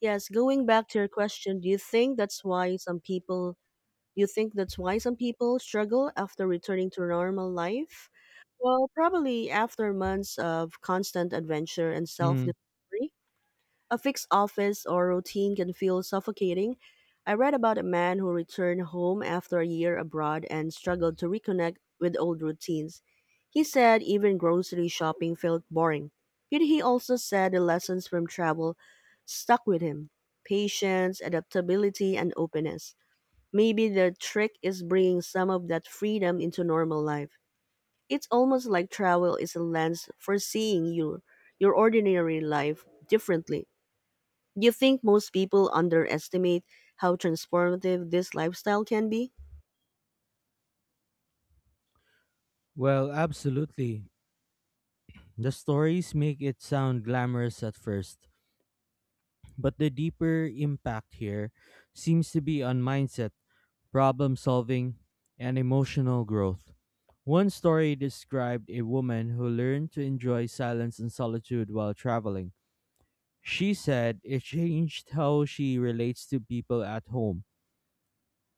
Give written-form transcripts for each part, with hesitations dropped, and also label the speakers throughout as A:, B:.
A: Yes, going back to your question, do you think that's why some people do you think that's why some people struggle after returning to normal life? Well, probably after months of constant adventure and
B: Mm,
A: self-discovery. A fixed office or routine can feel suffocating. I read about a man who returned home after a year abroad and struggled to reconnect with old routines. He said even grocery shopping felt boring. Yet he also said the lessons from travel stuck with him patience, adaptability, and openness. Maybe the trick is bringing some of that freedom into normal life. It's almost like travel is a lens for seeing your ordinary life differently. Do you think most people underestimate how transformative this lifestyle can be?
B: well, absolutely. The stories make it sound glamorous at first, but the deeper impact here seems to be on mindset, problem solving, and emotional growth. One story described a woman who learned to enjoy silence and solitude while traveling. She said it changed how she relates to people at home.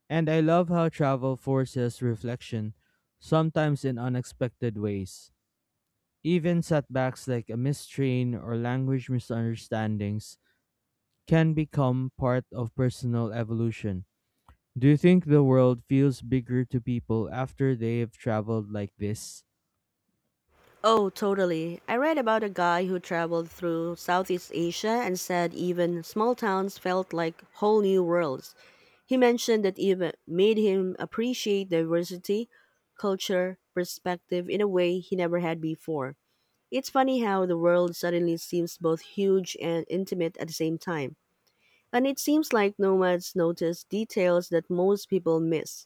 B: And I love how travel forces reflection, sometimes in unexpected ways. Even setbacks like a missed train or language misunderstandings can become part of personal evolution. Do you think the world feels bigger to people after they have traveled like this?
A: Oh, totally. I read about a guy who traveled through Southeast Asia and said even small towns felt like whole new worlds. He mentioned that even made him appreciate diversity, culture, perspective in a way he never had before. It's funny how the world suddenly seems both huge and intimate at the same time. And it seems like nomads notice details that most people miss,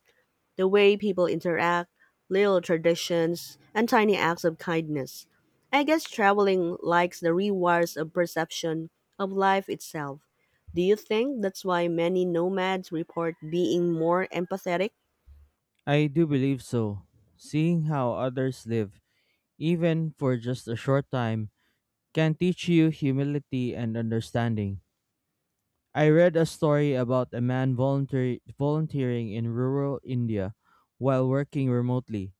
A: the way people interact, little traditions, and tiny acts of kindness. I guess traveling likes the rewards of perception of life itself. Do you think that's why many nomads report being more empathetic?
B: I do believe so. Seeing how others live, even for just a short time, can teach you humility and understanding. I read a story about a man volunteering in rural India while working remotely.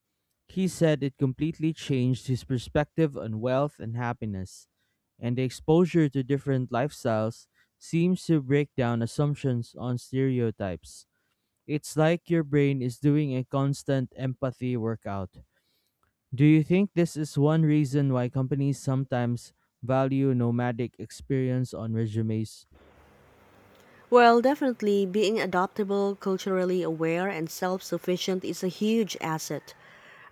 B: He said it completely changed his perspective on wealth and happiness, and the exposure to different lifestyles seems to break down assumptions on stereotypes. It's like your brain is doing a constant empathy workout. Do you think this is one reason why companies sometimes value nomadic experience on resumes?
A: Well, definitely being adaptable, culturally aware, and self sufficient is a huge asset.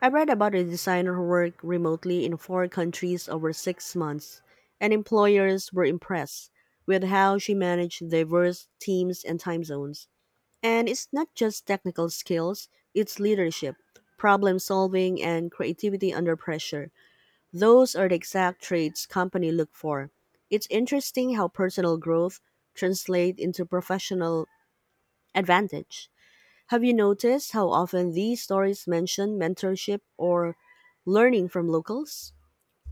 A: I read about a designer who worked remotely in four countries over 6 months, and employers were impressed with how she managed diverse teams and time zones. And it's not just technical skills, it's leadership, problem solving, and creativity under pressure. Those are the exact traits company look for. It's interesting how personal growth translates into professional advantage. Have you noticed how often these stories mention mentorship or learning from locals?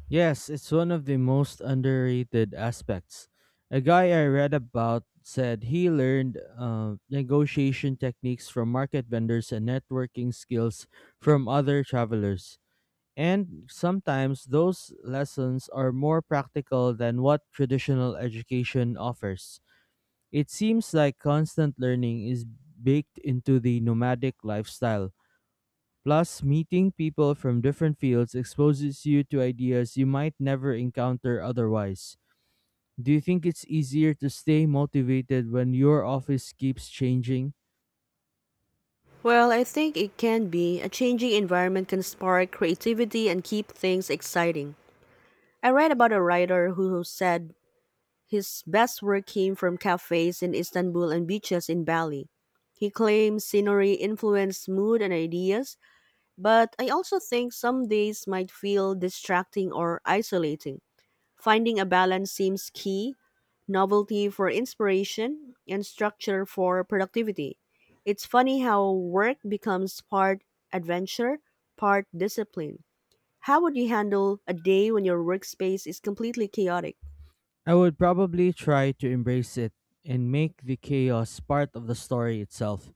B: Yes, it's one of the most underrated aspects. A guy I read about said he learned negotiation techniques from market vendors and networking skills from other travelers. And sometimes those lessons are more practical than what traditional education offers. It seems like constant learning is baked into the nomadic lifestyle. Plus, meeting people from different fields exposes you to ideas you might never encounter otherwise. Do you think it's easier to stay motivated when your office keeps changing?
A: Well, I think it can be. A changing environment can spark creativity and keep things exciting. I read about a writer who said his best work came from cafes in Istanbul and beaches in Bali. He claims scenery influenced mood and ideas, but I also think some days might feel distracting or isolating. Finding a balance seems key, novelty for inspiration and structure for productivity. It's funny how work becomes part adventure, part discipline. How would you handle a day when your workspace is completely chaotic?
B: I would probably try to embrace it and make the chaos part of the story itself.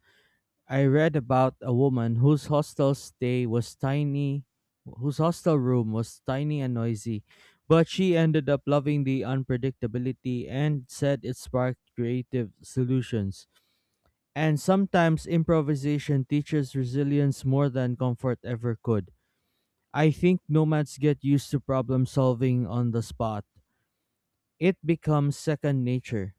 B: I read about a woman whose hostel room was tiny and noisy, but she ended up loving the unpredictability and said it sparked creative solutions. And sometimes improvisation teaches resilience more than comfort ever could. I think nomads get used to problem solving on the spot. It becomes second nature.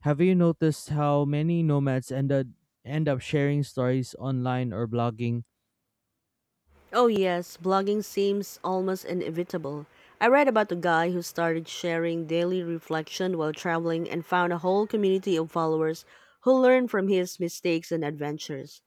B: Have you noticed how many nomads end up sharing stories online or blogging?
A: Oh, yes, blogging seems almost inevitable. I read about a guy who started sharing daily reflection while traveling and found a whole community of followers who learned from his mistakes and adventures.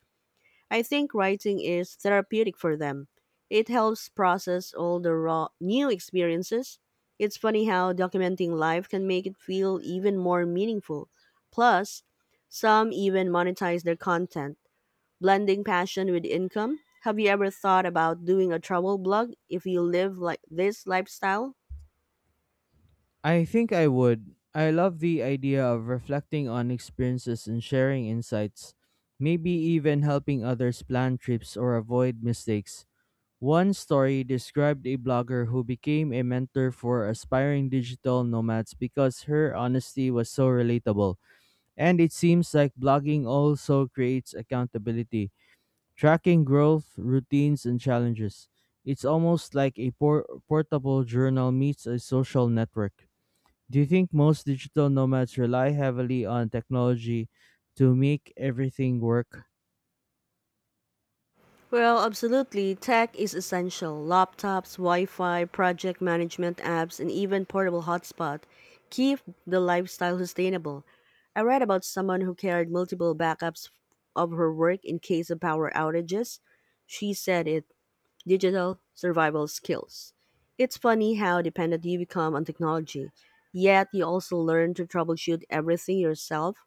A: I think writing is therapeutic for them. It helps process all the raw new experiences. It's funny how documenting life can make it feel even more meaningful. Plus, some even monetize their content, blending passion with income. Have you ever thought about doing a travel blog if you live like this lifestyle?
B: I think I would. I love the idea of reflecting on experiences and sharing insights, maybe even helping others plan trips or avoid mistakes. One story described a blogger who became a mentor for aspiring digital nomads because her honesty was so relatable. And it seems like blogging also creates accountability, tracking growth, routines, and challenges. It's almost like a portable journal meets a social network. Do you think most digital nomads rely heavily on technology to make everything work?
A: Well, absolutely. Tech is essential. Laptops, Wi Fi, project management apps, and even portable hotspot keep the lifestyle sustainable. I read about someone who carried multiple backups of her work in case of power outages. She said it digital survival skills. It's funny how dependent you become on technology, yet you also learn to troubleshoot everything yourself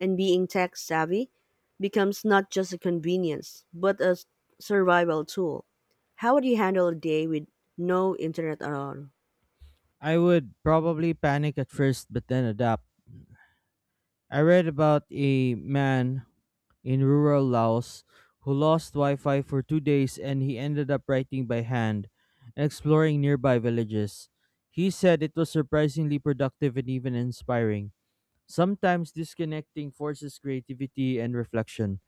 A: and being tech savvy becomes not just a convenience, but a survival tool. How would you handle a day with no internet at all?
B: I would probably panic at first, but then adapt. I read about a man in rural Laos who lost Wi Fi for two days, and he ended up writing by hand and exploring nearby villages. He said it was surprisingly productive and even inspiring. Sometimes disconnecting forces creativity and reflection.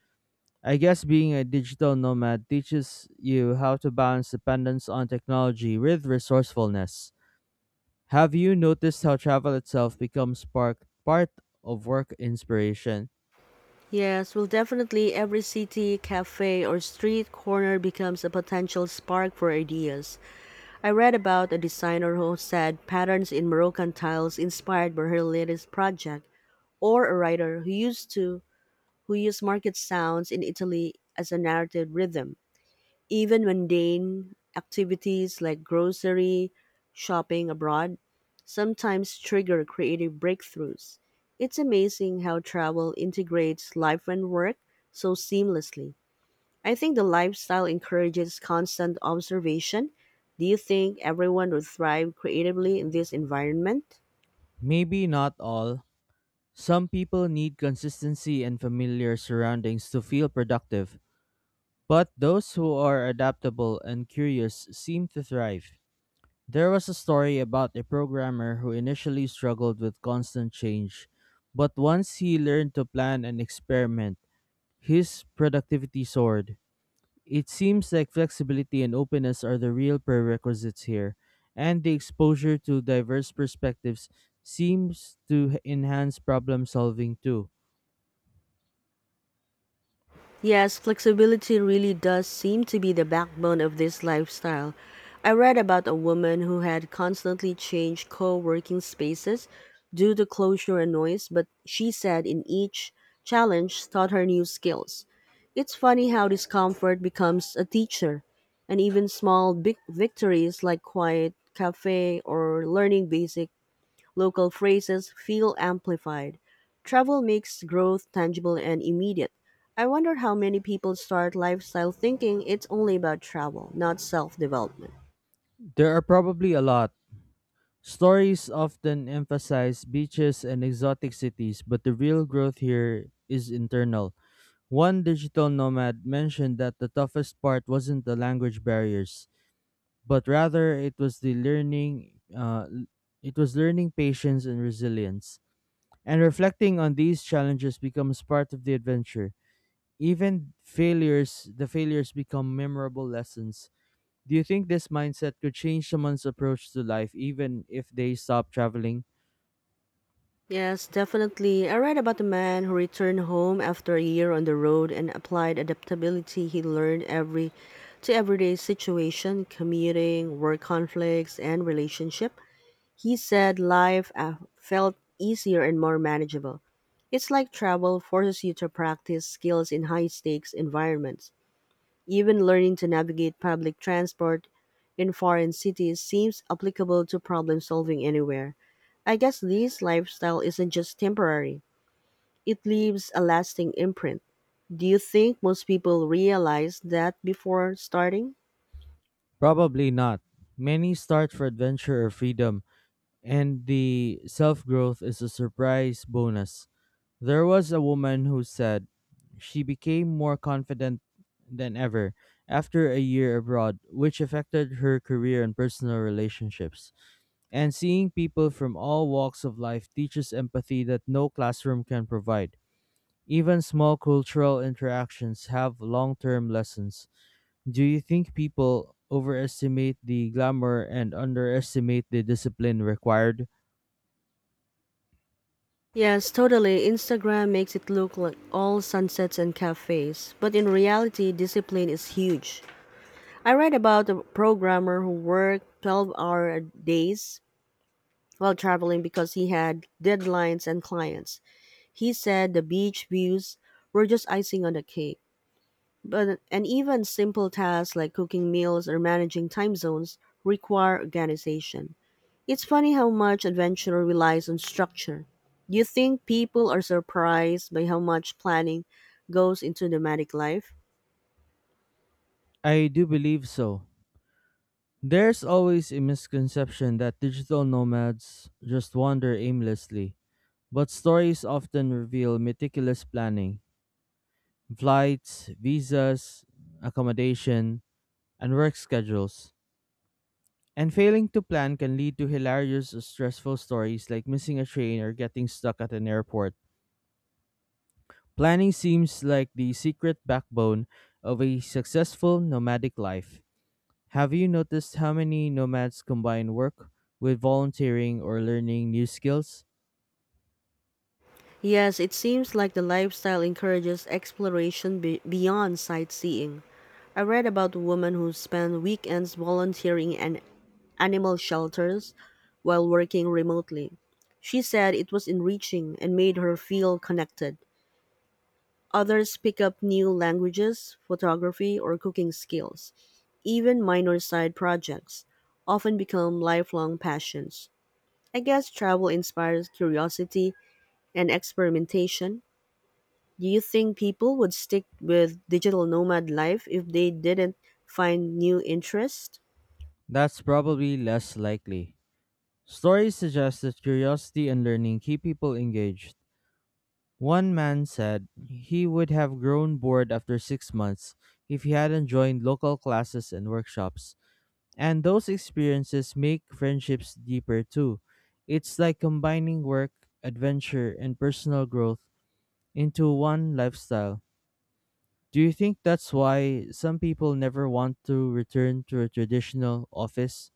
B: I guess being a digital nomad teaches you how to balance dependence on technology with resourcefulness. Have you noticed how travel itself becomes part of work inspiration?
A: Yes, well, definitely every city, cafe, or street corner becomes a potential spark for ideas. I read about a designer who said patterns in Moroccan tiles inspired by her latest project, or a writer who used market sounds in Italy as a narrative rhythm. Even mundane activities like grocery shopping abroad sometimes trigger creative breakthroughs. It's amazing how travel integrates life and work so seamlessly. I think the lifestyle encourages constant observation. Do you think everyone would thrive creatively in this environment?
B: Maybe not all. Some people need consistency and familiar surroundings to feel productive, but those who are adaptable and curious seem to thrive. There was a story about a programmer who initially struggled with constant change, but once he learned to plan and experiment, his productivity soared. It seems like flexibility and openness are the real prerequisites here, and the exposure to diverse perspectives seems to enhance problem solving too.
A: Yes, flexibility really does seem to be the backbone of this lifestyle. I read about a woman who had constantly changed co working spaces due to closure and noise, but she said in each challenge taught her new skills. It's funny how discomfort becomes a teacher, and even small big victories like quiet cafe or learning basic local phrases feel amplified. Travel makes growth tangible and immediate. I wonder how many people start lifestyle thinking it's only about travel, not self development.
B: There are probably a lot. Stories often emphasize beaches and exotic cities, but the real growth here is internal. One digital nomad mentioned that the toughest part wasn't the language barriers, but rather it was learning patience and resilience. And reflecting on these challenges becomes part of the adventure. The failures become memorable lessons. Do you think this mindset could change someone's approach to life even if they stop traveling?
A: Yes, definitely. I read about the man who returned home after a year on the road and applied adaptability he learned every to everyday situation, commuting, work conflicts, and relationship. He said life felt easier and more manageable. It's like travel forces you to practice skills in high stakes environments. Even learning to navigate public transport in foreign cities seems applicable to problem solving anywhere. I guess this lifestyle isn't just temporary, it leaves a lasting imprint. Do you think most people realize that before starting?
B: Probably not. Many start for adventure or freedom, and the self growth is a surprise bonus. There was a woman who said she became more confident than ever after a year abroad, which affected her career and personal relationships. And seeing people from all walks of life teaches empathy that no classroom can provide. Even small cultural interactions have long term lessons. Do you think people overestimate the glamour and underestimate the discipline required?
A: Yes, totally. Instagram makes it look like all sunsets and cafes, but in reality, discipline is huge. I read about a programmer who worked 12-hour days while traveling because he had deadlines and clients. He said the beach views were just icing on the cake. But and even simple tasks like cooking meals or managing time zones require organization. It's funny how much adventure relies on structure. Do you think people are surprised by how much planning goes into nomadic life?
B: I do believe so. There's always a misconception that digital nomads just wander aimlessly, but stories often reveal meticulous planning, flights, visas, accommodation, and work schedules. And failing to plan can lead to hilarious or stressful stories like missing a train or getting stuck at an airport. Planning seems like the secret backbone of a successful nomadic life. Have you noticed how many nomads combine work with volunteering or learning new skills?
A: Yes, it seems like the lifestyle encourages exploration beyond sightseeing. I read about a woman who spent weekends volunteering in animal shelters while working remotely. She said it was enriching and made her feel connected. Others pick up new languages, photography, or cooking skills. Even minor side projects often become lifelong passions. I guess travel inspires curiosity and experimentation. Do you think people would stick with digital nomad life if they didn't find new interests?
B: That's probably less likely. Stories suggest that curiosity and learning keep people engaged. One man said he would have grown bored after 6 months if he hadn't joined local classes and workshops. And those experiences make friendships deeper too. It's like combining work, adventure, and personal growth into one lifestyle. Do you think that's why some people never want to return to a traditional office?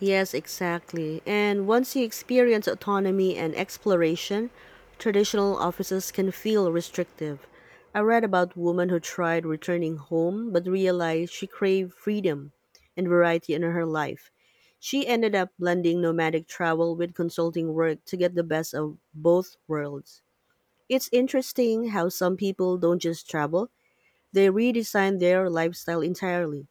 A: Yes, exactly. And once you experience autonomy and exploration, traditional offices can feel restrictive. I read about woman who tried returning home but realized she craved freedom and variety in her life. She ended up blending nomadic travel with consulting work to get the best of both worlds. It's interesting how some people don't just travel, they redesign their lifestyle entirely.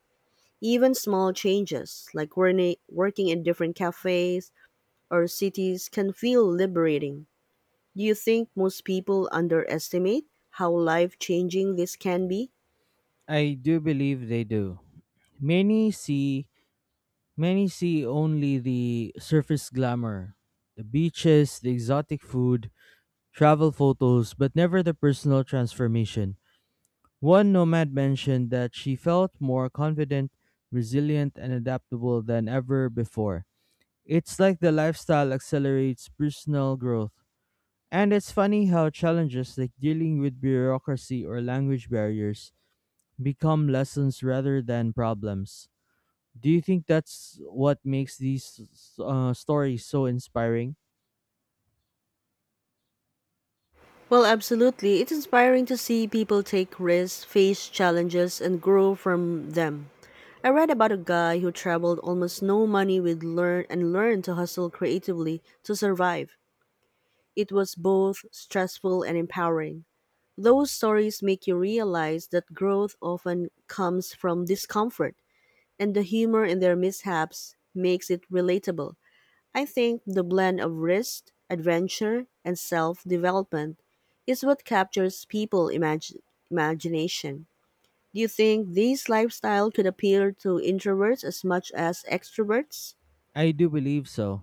A: Even small changes, like working in different cafes or cities, can feel liberating. Do you think most people underestimate how life changing this can be?
B: I do believe they do. Many see Many see only the surface glamour, the beaches, the exotic food, travel photos, but never the personal transformation. One nomad mentioned that she felt more confident, resilient, and adaptable than ever before. It's like the lifestyle accelerates personal growth. And it's funny how challenges like dealing with bureaucracy or language barriers become lessons rather than problems. Do you think that's what makes these stories so inspiring?
A: Well, absolutely. It's inspiring to see people take risks, face challenges, and grow from them. I read about a guy who traveled almost no money with learned to hustle creatively to survive. It was both stressful and empowering. Those stories make you realize that growth often comes from discomfort, and the humor in their mishaps makes it relatable. I think the blend of risk, adventure, and self development is what captures imagination. Do you think these lifestyle could appeal to introverts as much as extroverts?
B: I do believe so.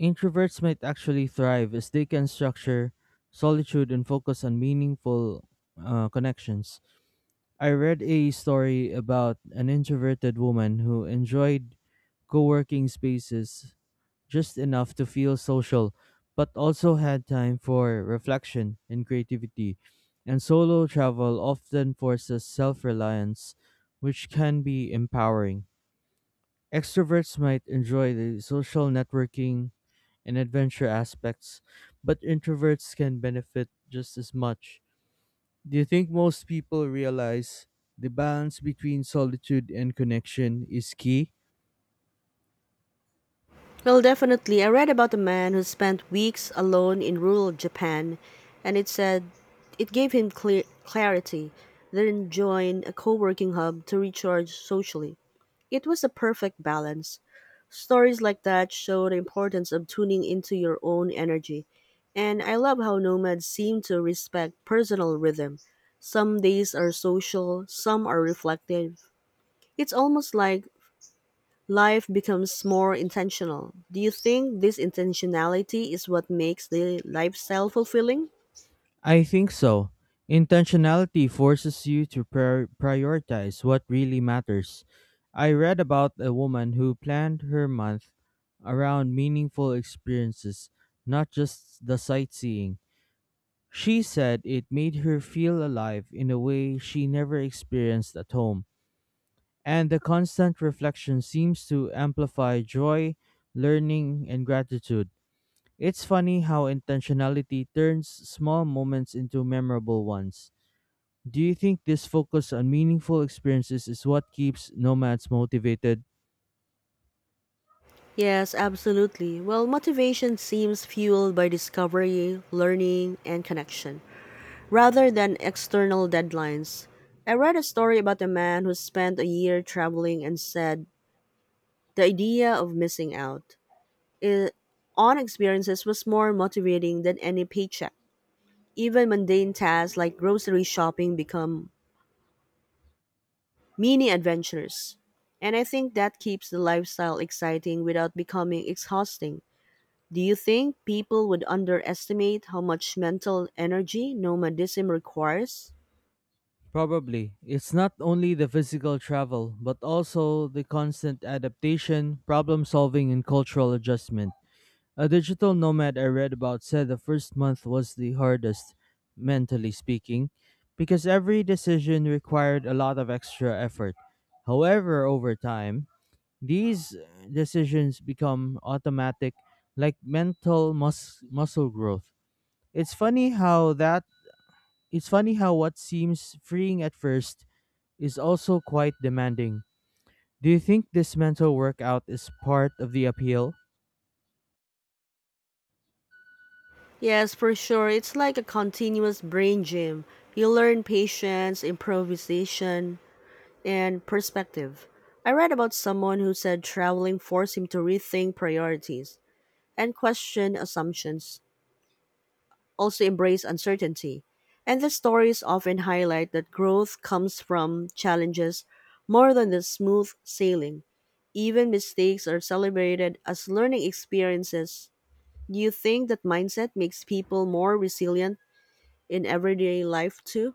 B: Introverts might actually thrive as they can structure solitude and focus on meaningful connections. I read a story about an introverted woman who enjoyed co working spaces just enough to feel social, but also had time for reflection and creativity. And solo travel often forces self reliance, which can be empowering. Extroverts might enjoy the social networking and adventure aspects, but introverts can benefit just as much. Do you think most people realize the balance between solitude and connection is key?
A: Well, definitely. I read about a man who spent weeks alone in rural Japan, and it said it gave him clear clarity, then joined a co working hub to recharge socially. It was a perfect balance. Stories like that show the importance of tuning into your own energy. And I love how nomads seem to respect personal rhythm. Some days are social, some are reflective. It's almost like life becomes more intentional. Do you think this intentionality is what makes the lifestyle fulfilling?
B: I think so. Intentionality forces you to prioritize what really matters. I read about a woman who planned her month around meaningful experiences, not just the sightseeing. She said it made her feel alive in a way she never experienced at home, and the constant reflection seems to amplify joy, learning, and gratitude. It's funny how intentionality turns small moments into memorable ones. Do you think this focus on meaningful experiences is what keeps nomads motivated?
A: Yes, absolutely. Well, motivation seems fueled by discovery, learning, and connection rather than external deadlines. I read a story about a man who spent a year traveling and said the idea of missing out i- on experiences was more motivating than any paycheck. Even mundane tasks like grocery shopping become mini adventures. And I think that keeps the lifestyle exciting without becoming exhausting. Do you think people would underestimate how much mental energy nomadism requires?
B: Probably. It's not only the physical travel, but also the constant adaptation, problem solving, and cultural adjustment. A digital nomad I read about said the first month was the hardest, mentally speaking, because every decision required a lot of extra effort. However, over time, these decisions become automatic, like mental muscle growth. It's funny how that it's funny how what seems freeing at first is also quite demanding. Do you think this mental workout is part of the appeal?
A: Yes, for sure. It's like a continuous brain gym. You learn patience, improvisation, and perspective. I read about someone who said traveling forced him to rethink priorities and question assumptions, also embrace uncertainty. And the stories often highlight that growth comes from challenges more than the smooth sailing. Even mistakes are celebrated as learning experiences. Do you think that mindset makes people more resilient in everyday life too?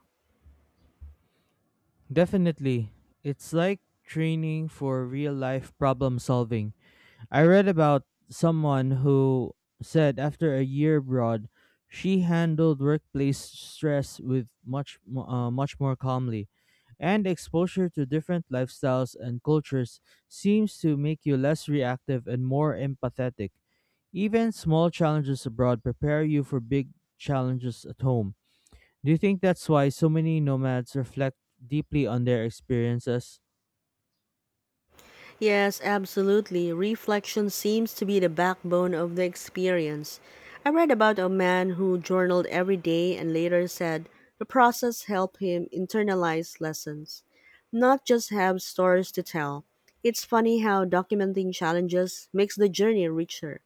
B: Definitely. It's like training for real life problem solving. I read about someone who said after a year abroad, she handled workplace stress with much more calmly, and exposure to different lifestyles and cultures seems to make you less reactive and more empathetic. Even small challenges abroad prepare you for big challenges at home. Do you think that's why so many nomads reflect deeply on their experiences?
A: Yes, absolutely. Reflection seems to be the backbone of the experience. I read about a man who journaled every day and later said the process helped him internalize lessons, not just have stories to tell. It's funny how documenting challenges makes the journey richer.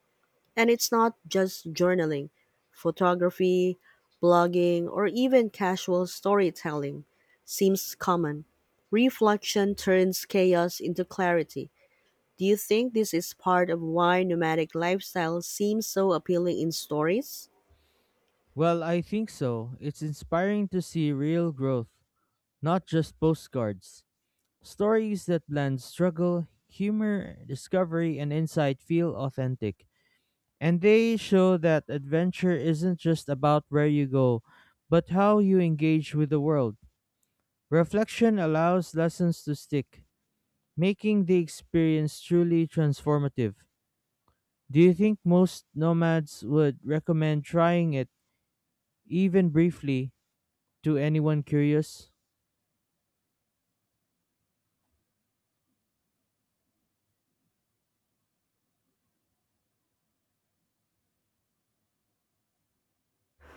A: And it's not just journaling, photography, blogging, or even casual storytelling seems common. Reflection turns chaos into clarity. Do you think this is part of why nomadic lifestyle seems so appealing in stories?
B: Well, I think so. It's inspiring to see real growth, not just postcards. Stories that blend struggle, humor, discovery, and insight feel authentic. And they show that adventure isn't just about where you go, but how you engage with the world. Reflection allows lessons to stick, making the experience truly transformative. Do you think most nomads would recommend trying it, even briefly, to anyone curious?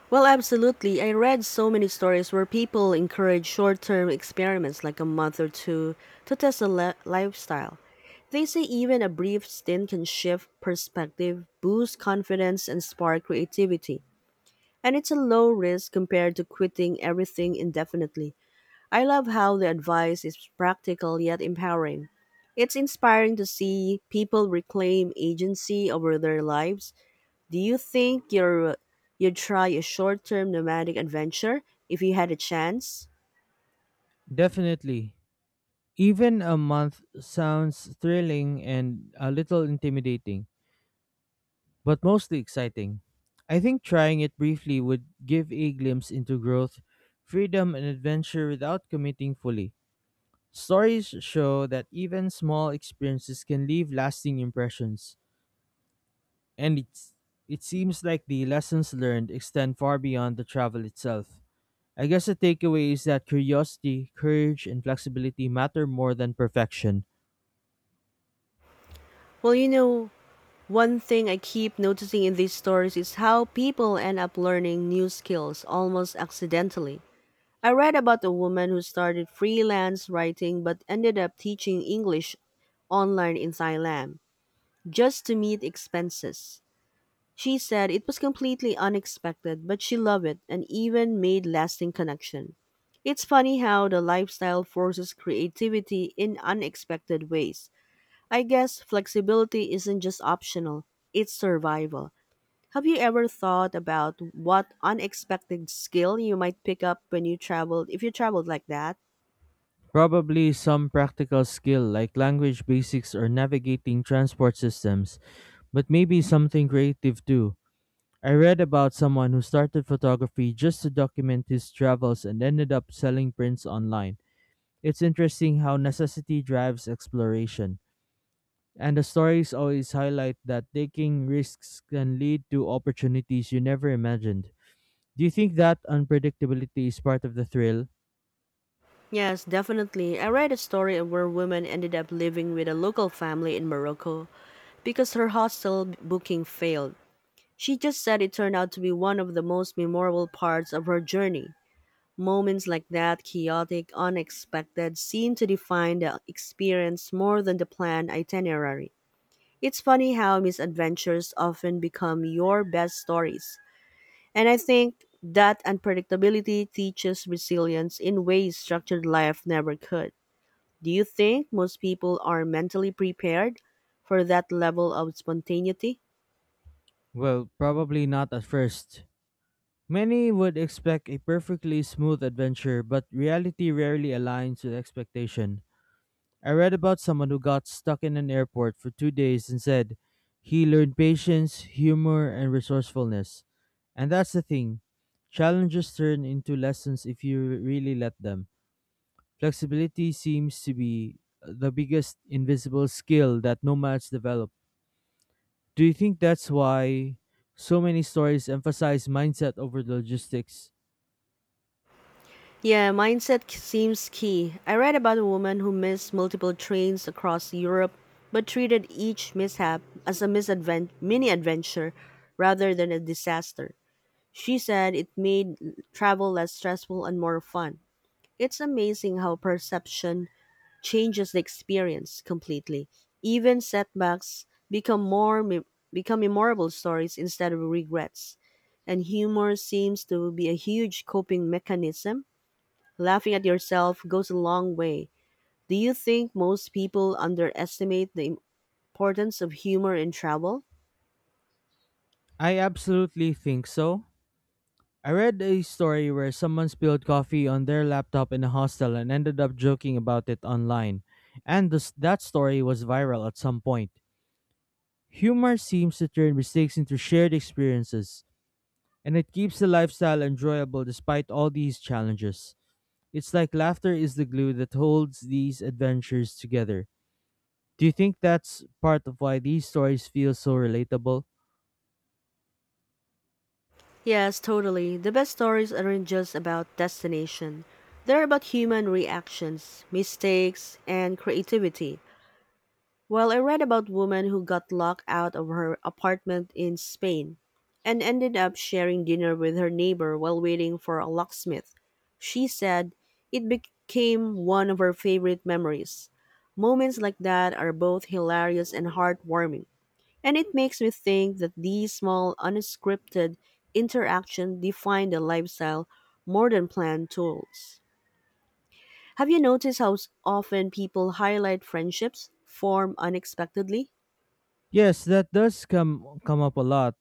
A: Well, absolutely. I read so many stories where people encourage short term experiments like a month or two to test a lifestyle. They say even a brief stint can shift perspective, boost confidence, and spark creativity. And it's a low risk compared to quitting everything indefinitely. I love how the advice is practical yet empowering. It's inspiring to see people reclaim agency over their lives. Do you'd try a short term nomadic adventure if you had a chance?
B: Definitely. Even a month sounds thrilling and a little intimidating, but mostly exciting. I think trying it briefly would give a glimpse into growth, freedom, and adventure without committing fully. Stories show that even small experiences can leave lasting impressions, and it seems like the lessons learned extend far beyond the travel itself. I guess the takeaway is that curiosity, courage, and flexibility matter more than perfection.
A: Well, you know, One thing I keep noticing in these stories is how people end up learning new skills almost accidentally. I read about a woman who started freelance writing but ended up teaching English online in Thailand, just to meet expenses. She said it was completely unexpected, but she loved it and even made lasting connection. It's funny how the lifestyle forces creativity in unexpected ways. I guess flexibility isn't just optional, it's survival. Have you ever thought about what unexpected skill you might pick up when you traveled if you traveled like that?
B: Probably some practical skill like language basics or navigating transport systems, but maybe something creative too. I read about someone who started photography just to document his travels and ended up selling prints online. It's interesting how necessity drives exploration. And the stories always highlight that taking risks can lead to opportunities you never imagined. Do you think that unpredictability is part of the thrill?
A: Yes, definitely. I read a story of where women ended up living with a local family in Morocco, because her hostel booking failed. She just said it turned out to be one of the most memorable parts of her journey. Moments like that, chaotic, unexpected, seem to define the experience more than the planned itinerary. It's funny how misadventures often become your best stories. And I think that unpredictability teaches resilience in ways structured life never could. Do you think most people are mentally prepared for that level of spontaneity?
B: Well, probably not at first. Many would expect a perfectly smooth adventure, but reality rarely aligns with expectation. I read about someone who got stuck in an airport for two days and said he learned patience, humor, and resourcefulness. And that's the thing, challenges turn into lessons if you really let them. Flexibility seems to be the biggest invisible skill that nomads develop. Do you think that's why so many stories emphasize mindset over logistics?
A: Yeah, seems key. I read about a woman who missed multiple trains across Europe but treated each mishap as a mini adventure rather than a disaster. She said it made travel less stressful and more fun. It's amazing how perception changes the experience completely. Even setbacks become memorable stories instead of regrets. And humor seems to be a huge coping mechanism. Laughing at yourself goes a long way. Do you think most people underestimate the importance of humor in travel?
B: I absolutely think so. I read a story where someone spilled coffee on their laptop in a hostel and ended up joking about it online. And that story was viral at some point. Humor seems to turn mistakes into shared experiences, and it keeps the lifestyle enjoyable despite all these challenges. It's like laughter is the glue that holds these adventures together. Do you think that's part of why these stories feel so relatable?
A: Yes, totally. The best stories aren't just about destination. They're about human reactions, mistakes, and creativity. Well, I read about woman who got locked out of her apartment in Spain and ended up sharing dinner with her neighbor while waiting for a locksmith. She said it became one of her favorite memories. Moments like that are both hilarious and heartwarming, and it makes me think that these small unscripted interactions define the lifestyle more than planned tools. Have you noticed how often people highlight friendships formed unexpectedly?
B: Yes, that does come up a lot.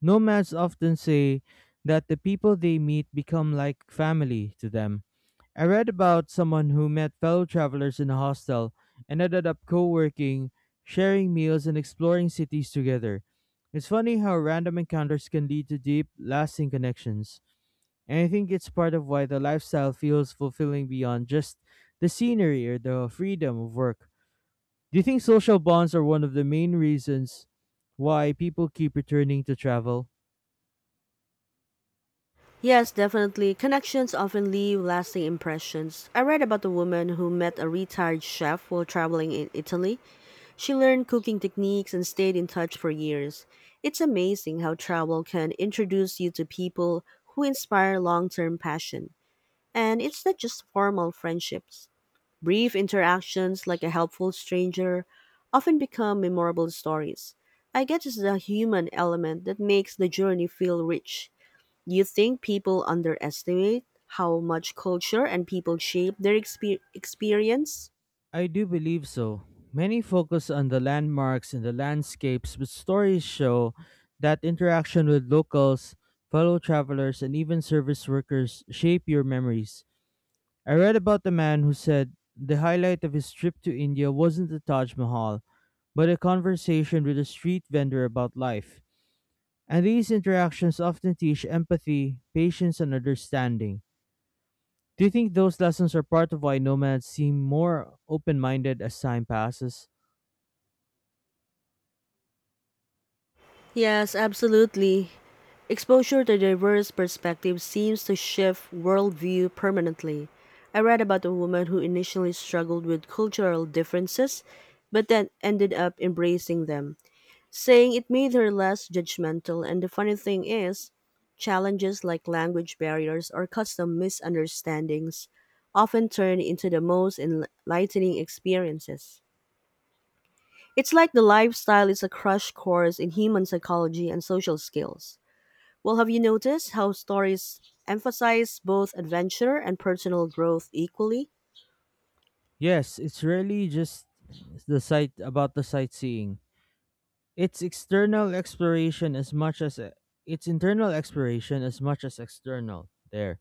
B: Nomads often say that the people they meet become like family to them. I read about someone who met fellow travelers in a hostel and ended up co-working, sharing meals and exploring cities together. It's funny how random encounters can lead to deep, lasting connections. And I think it's part of why the lifestyle feels fulfilling beyond just the scenery or the freedom of work. Do you think social bonds are one of the main reasons why people keep returning to travel?
A: Yes, definitely. Connections often leave lasting impressions. I read about a woman who met a retired chef while traveling in Italy. She learned cooking techniques and stayed in touch for years. It's amazing how travel can introduce you to people who inspire long term passion. And it's not just formal friendships. Brief interactions, like a helpful stranger, often become memorable stories. I guess it's the human element that makes the journey feel rich. You think people underestimate how much culture and people shape their experience?
B: I do believe so. Many focus on the landmarks and the landscapes, but stories show that interaction with locals, fellow travelers, and even service workers shape your memories. I read about a man who said the highlight of his trip to India wasn't the Taj Mahal, but a conversation with a street vendor about life. And these interactions often teach empathy, patience, and understanding. Do you think those lessons are part of why nomads seem more open minded as time passes?
A: Yes, absolutely. Exposure to diverse perspectives seems to shift worldview permanently. I read about a woman who initially struggled with cultural differences but then ended up embracing them, saying it made her less judgmental. And the funny thing is, challenges like language barriers or custom misunderstandings often turn into the most enlightening experiences. It's like the lifestyle is a crash course in human psychology and social skills. Well, have you noticed how stories emphasize both adventure and personal growth equally?
B: Yes, it's really just the sightseeing. It's external exploration as much as It's internal exploration as much as external. There.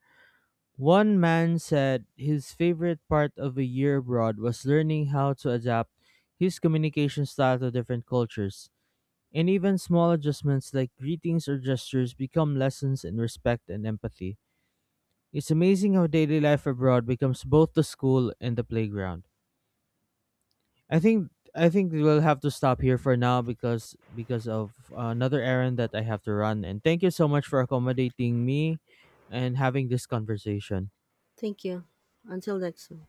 B: One man said his favorite part of a year abroad was learning how to adapt his communication style to different cultures. And even small adjustments like greetings or gestures become lessons in respect and empathy. It's amazing how daily life abroad becomes both the school and the playground. I think we'll have to stop here for now because of another errand that I have to run. And thank you so much for accommodating me and having this conversation.
A: Thank you. Until next time.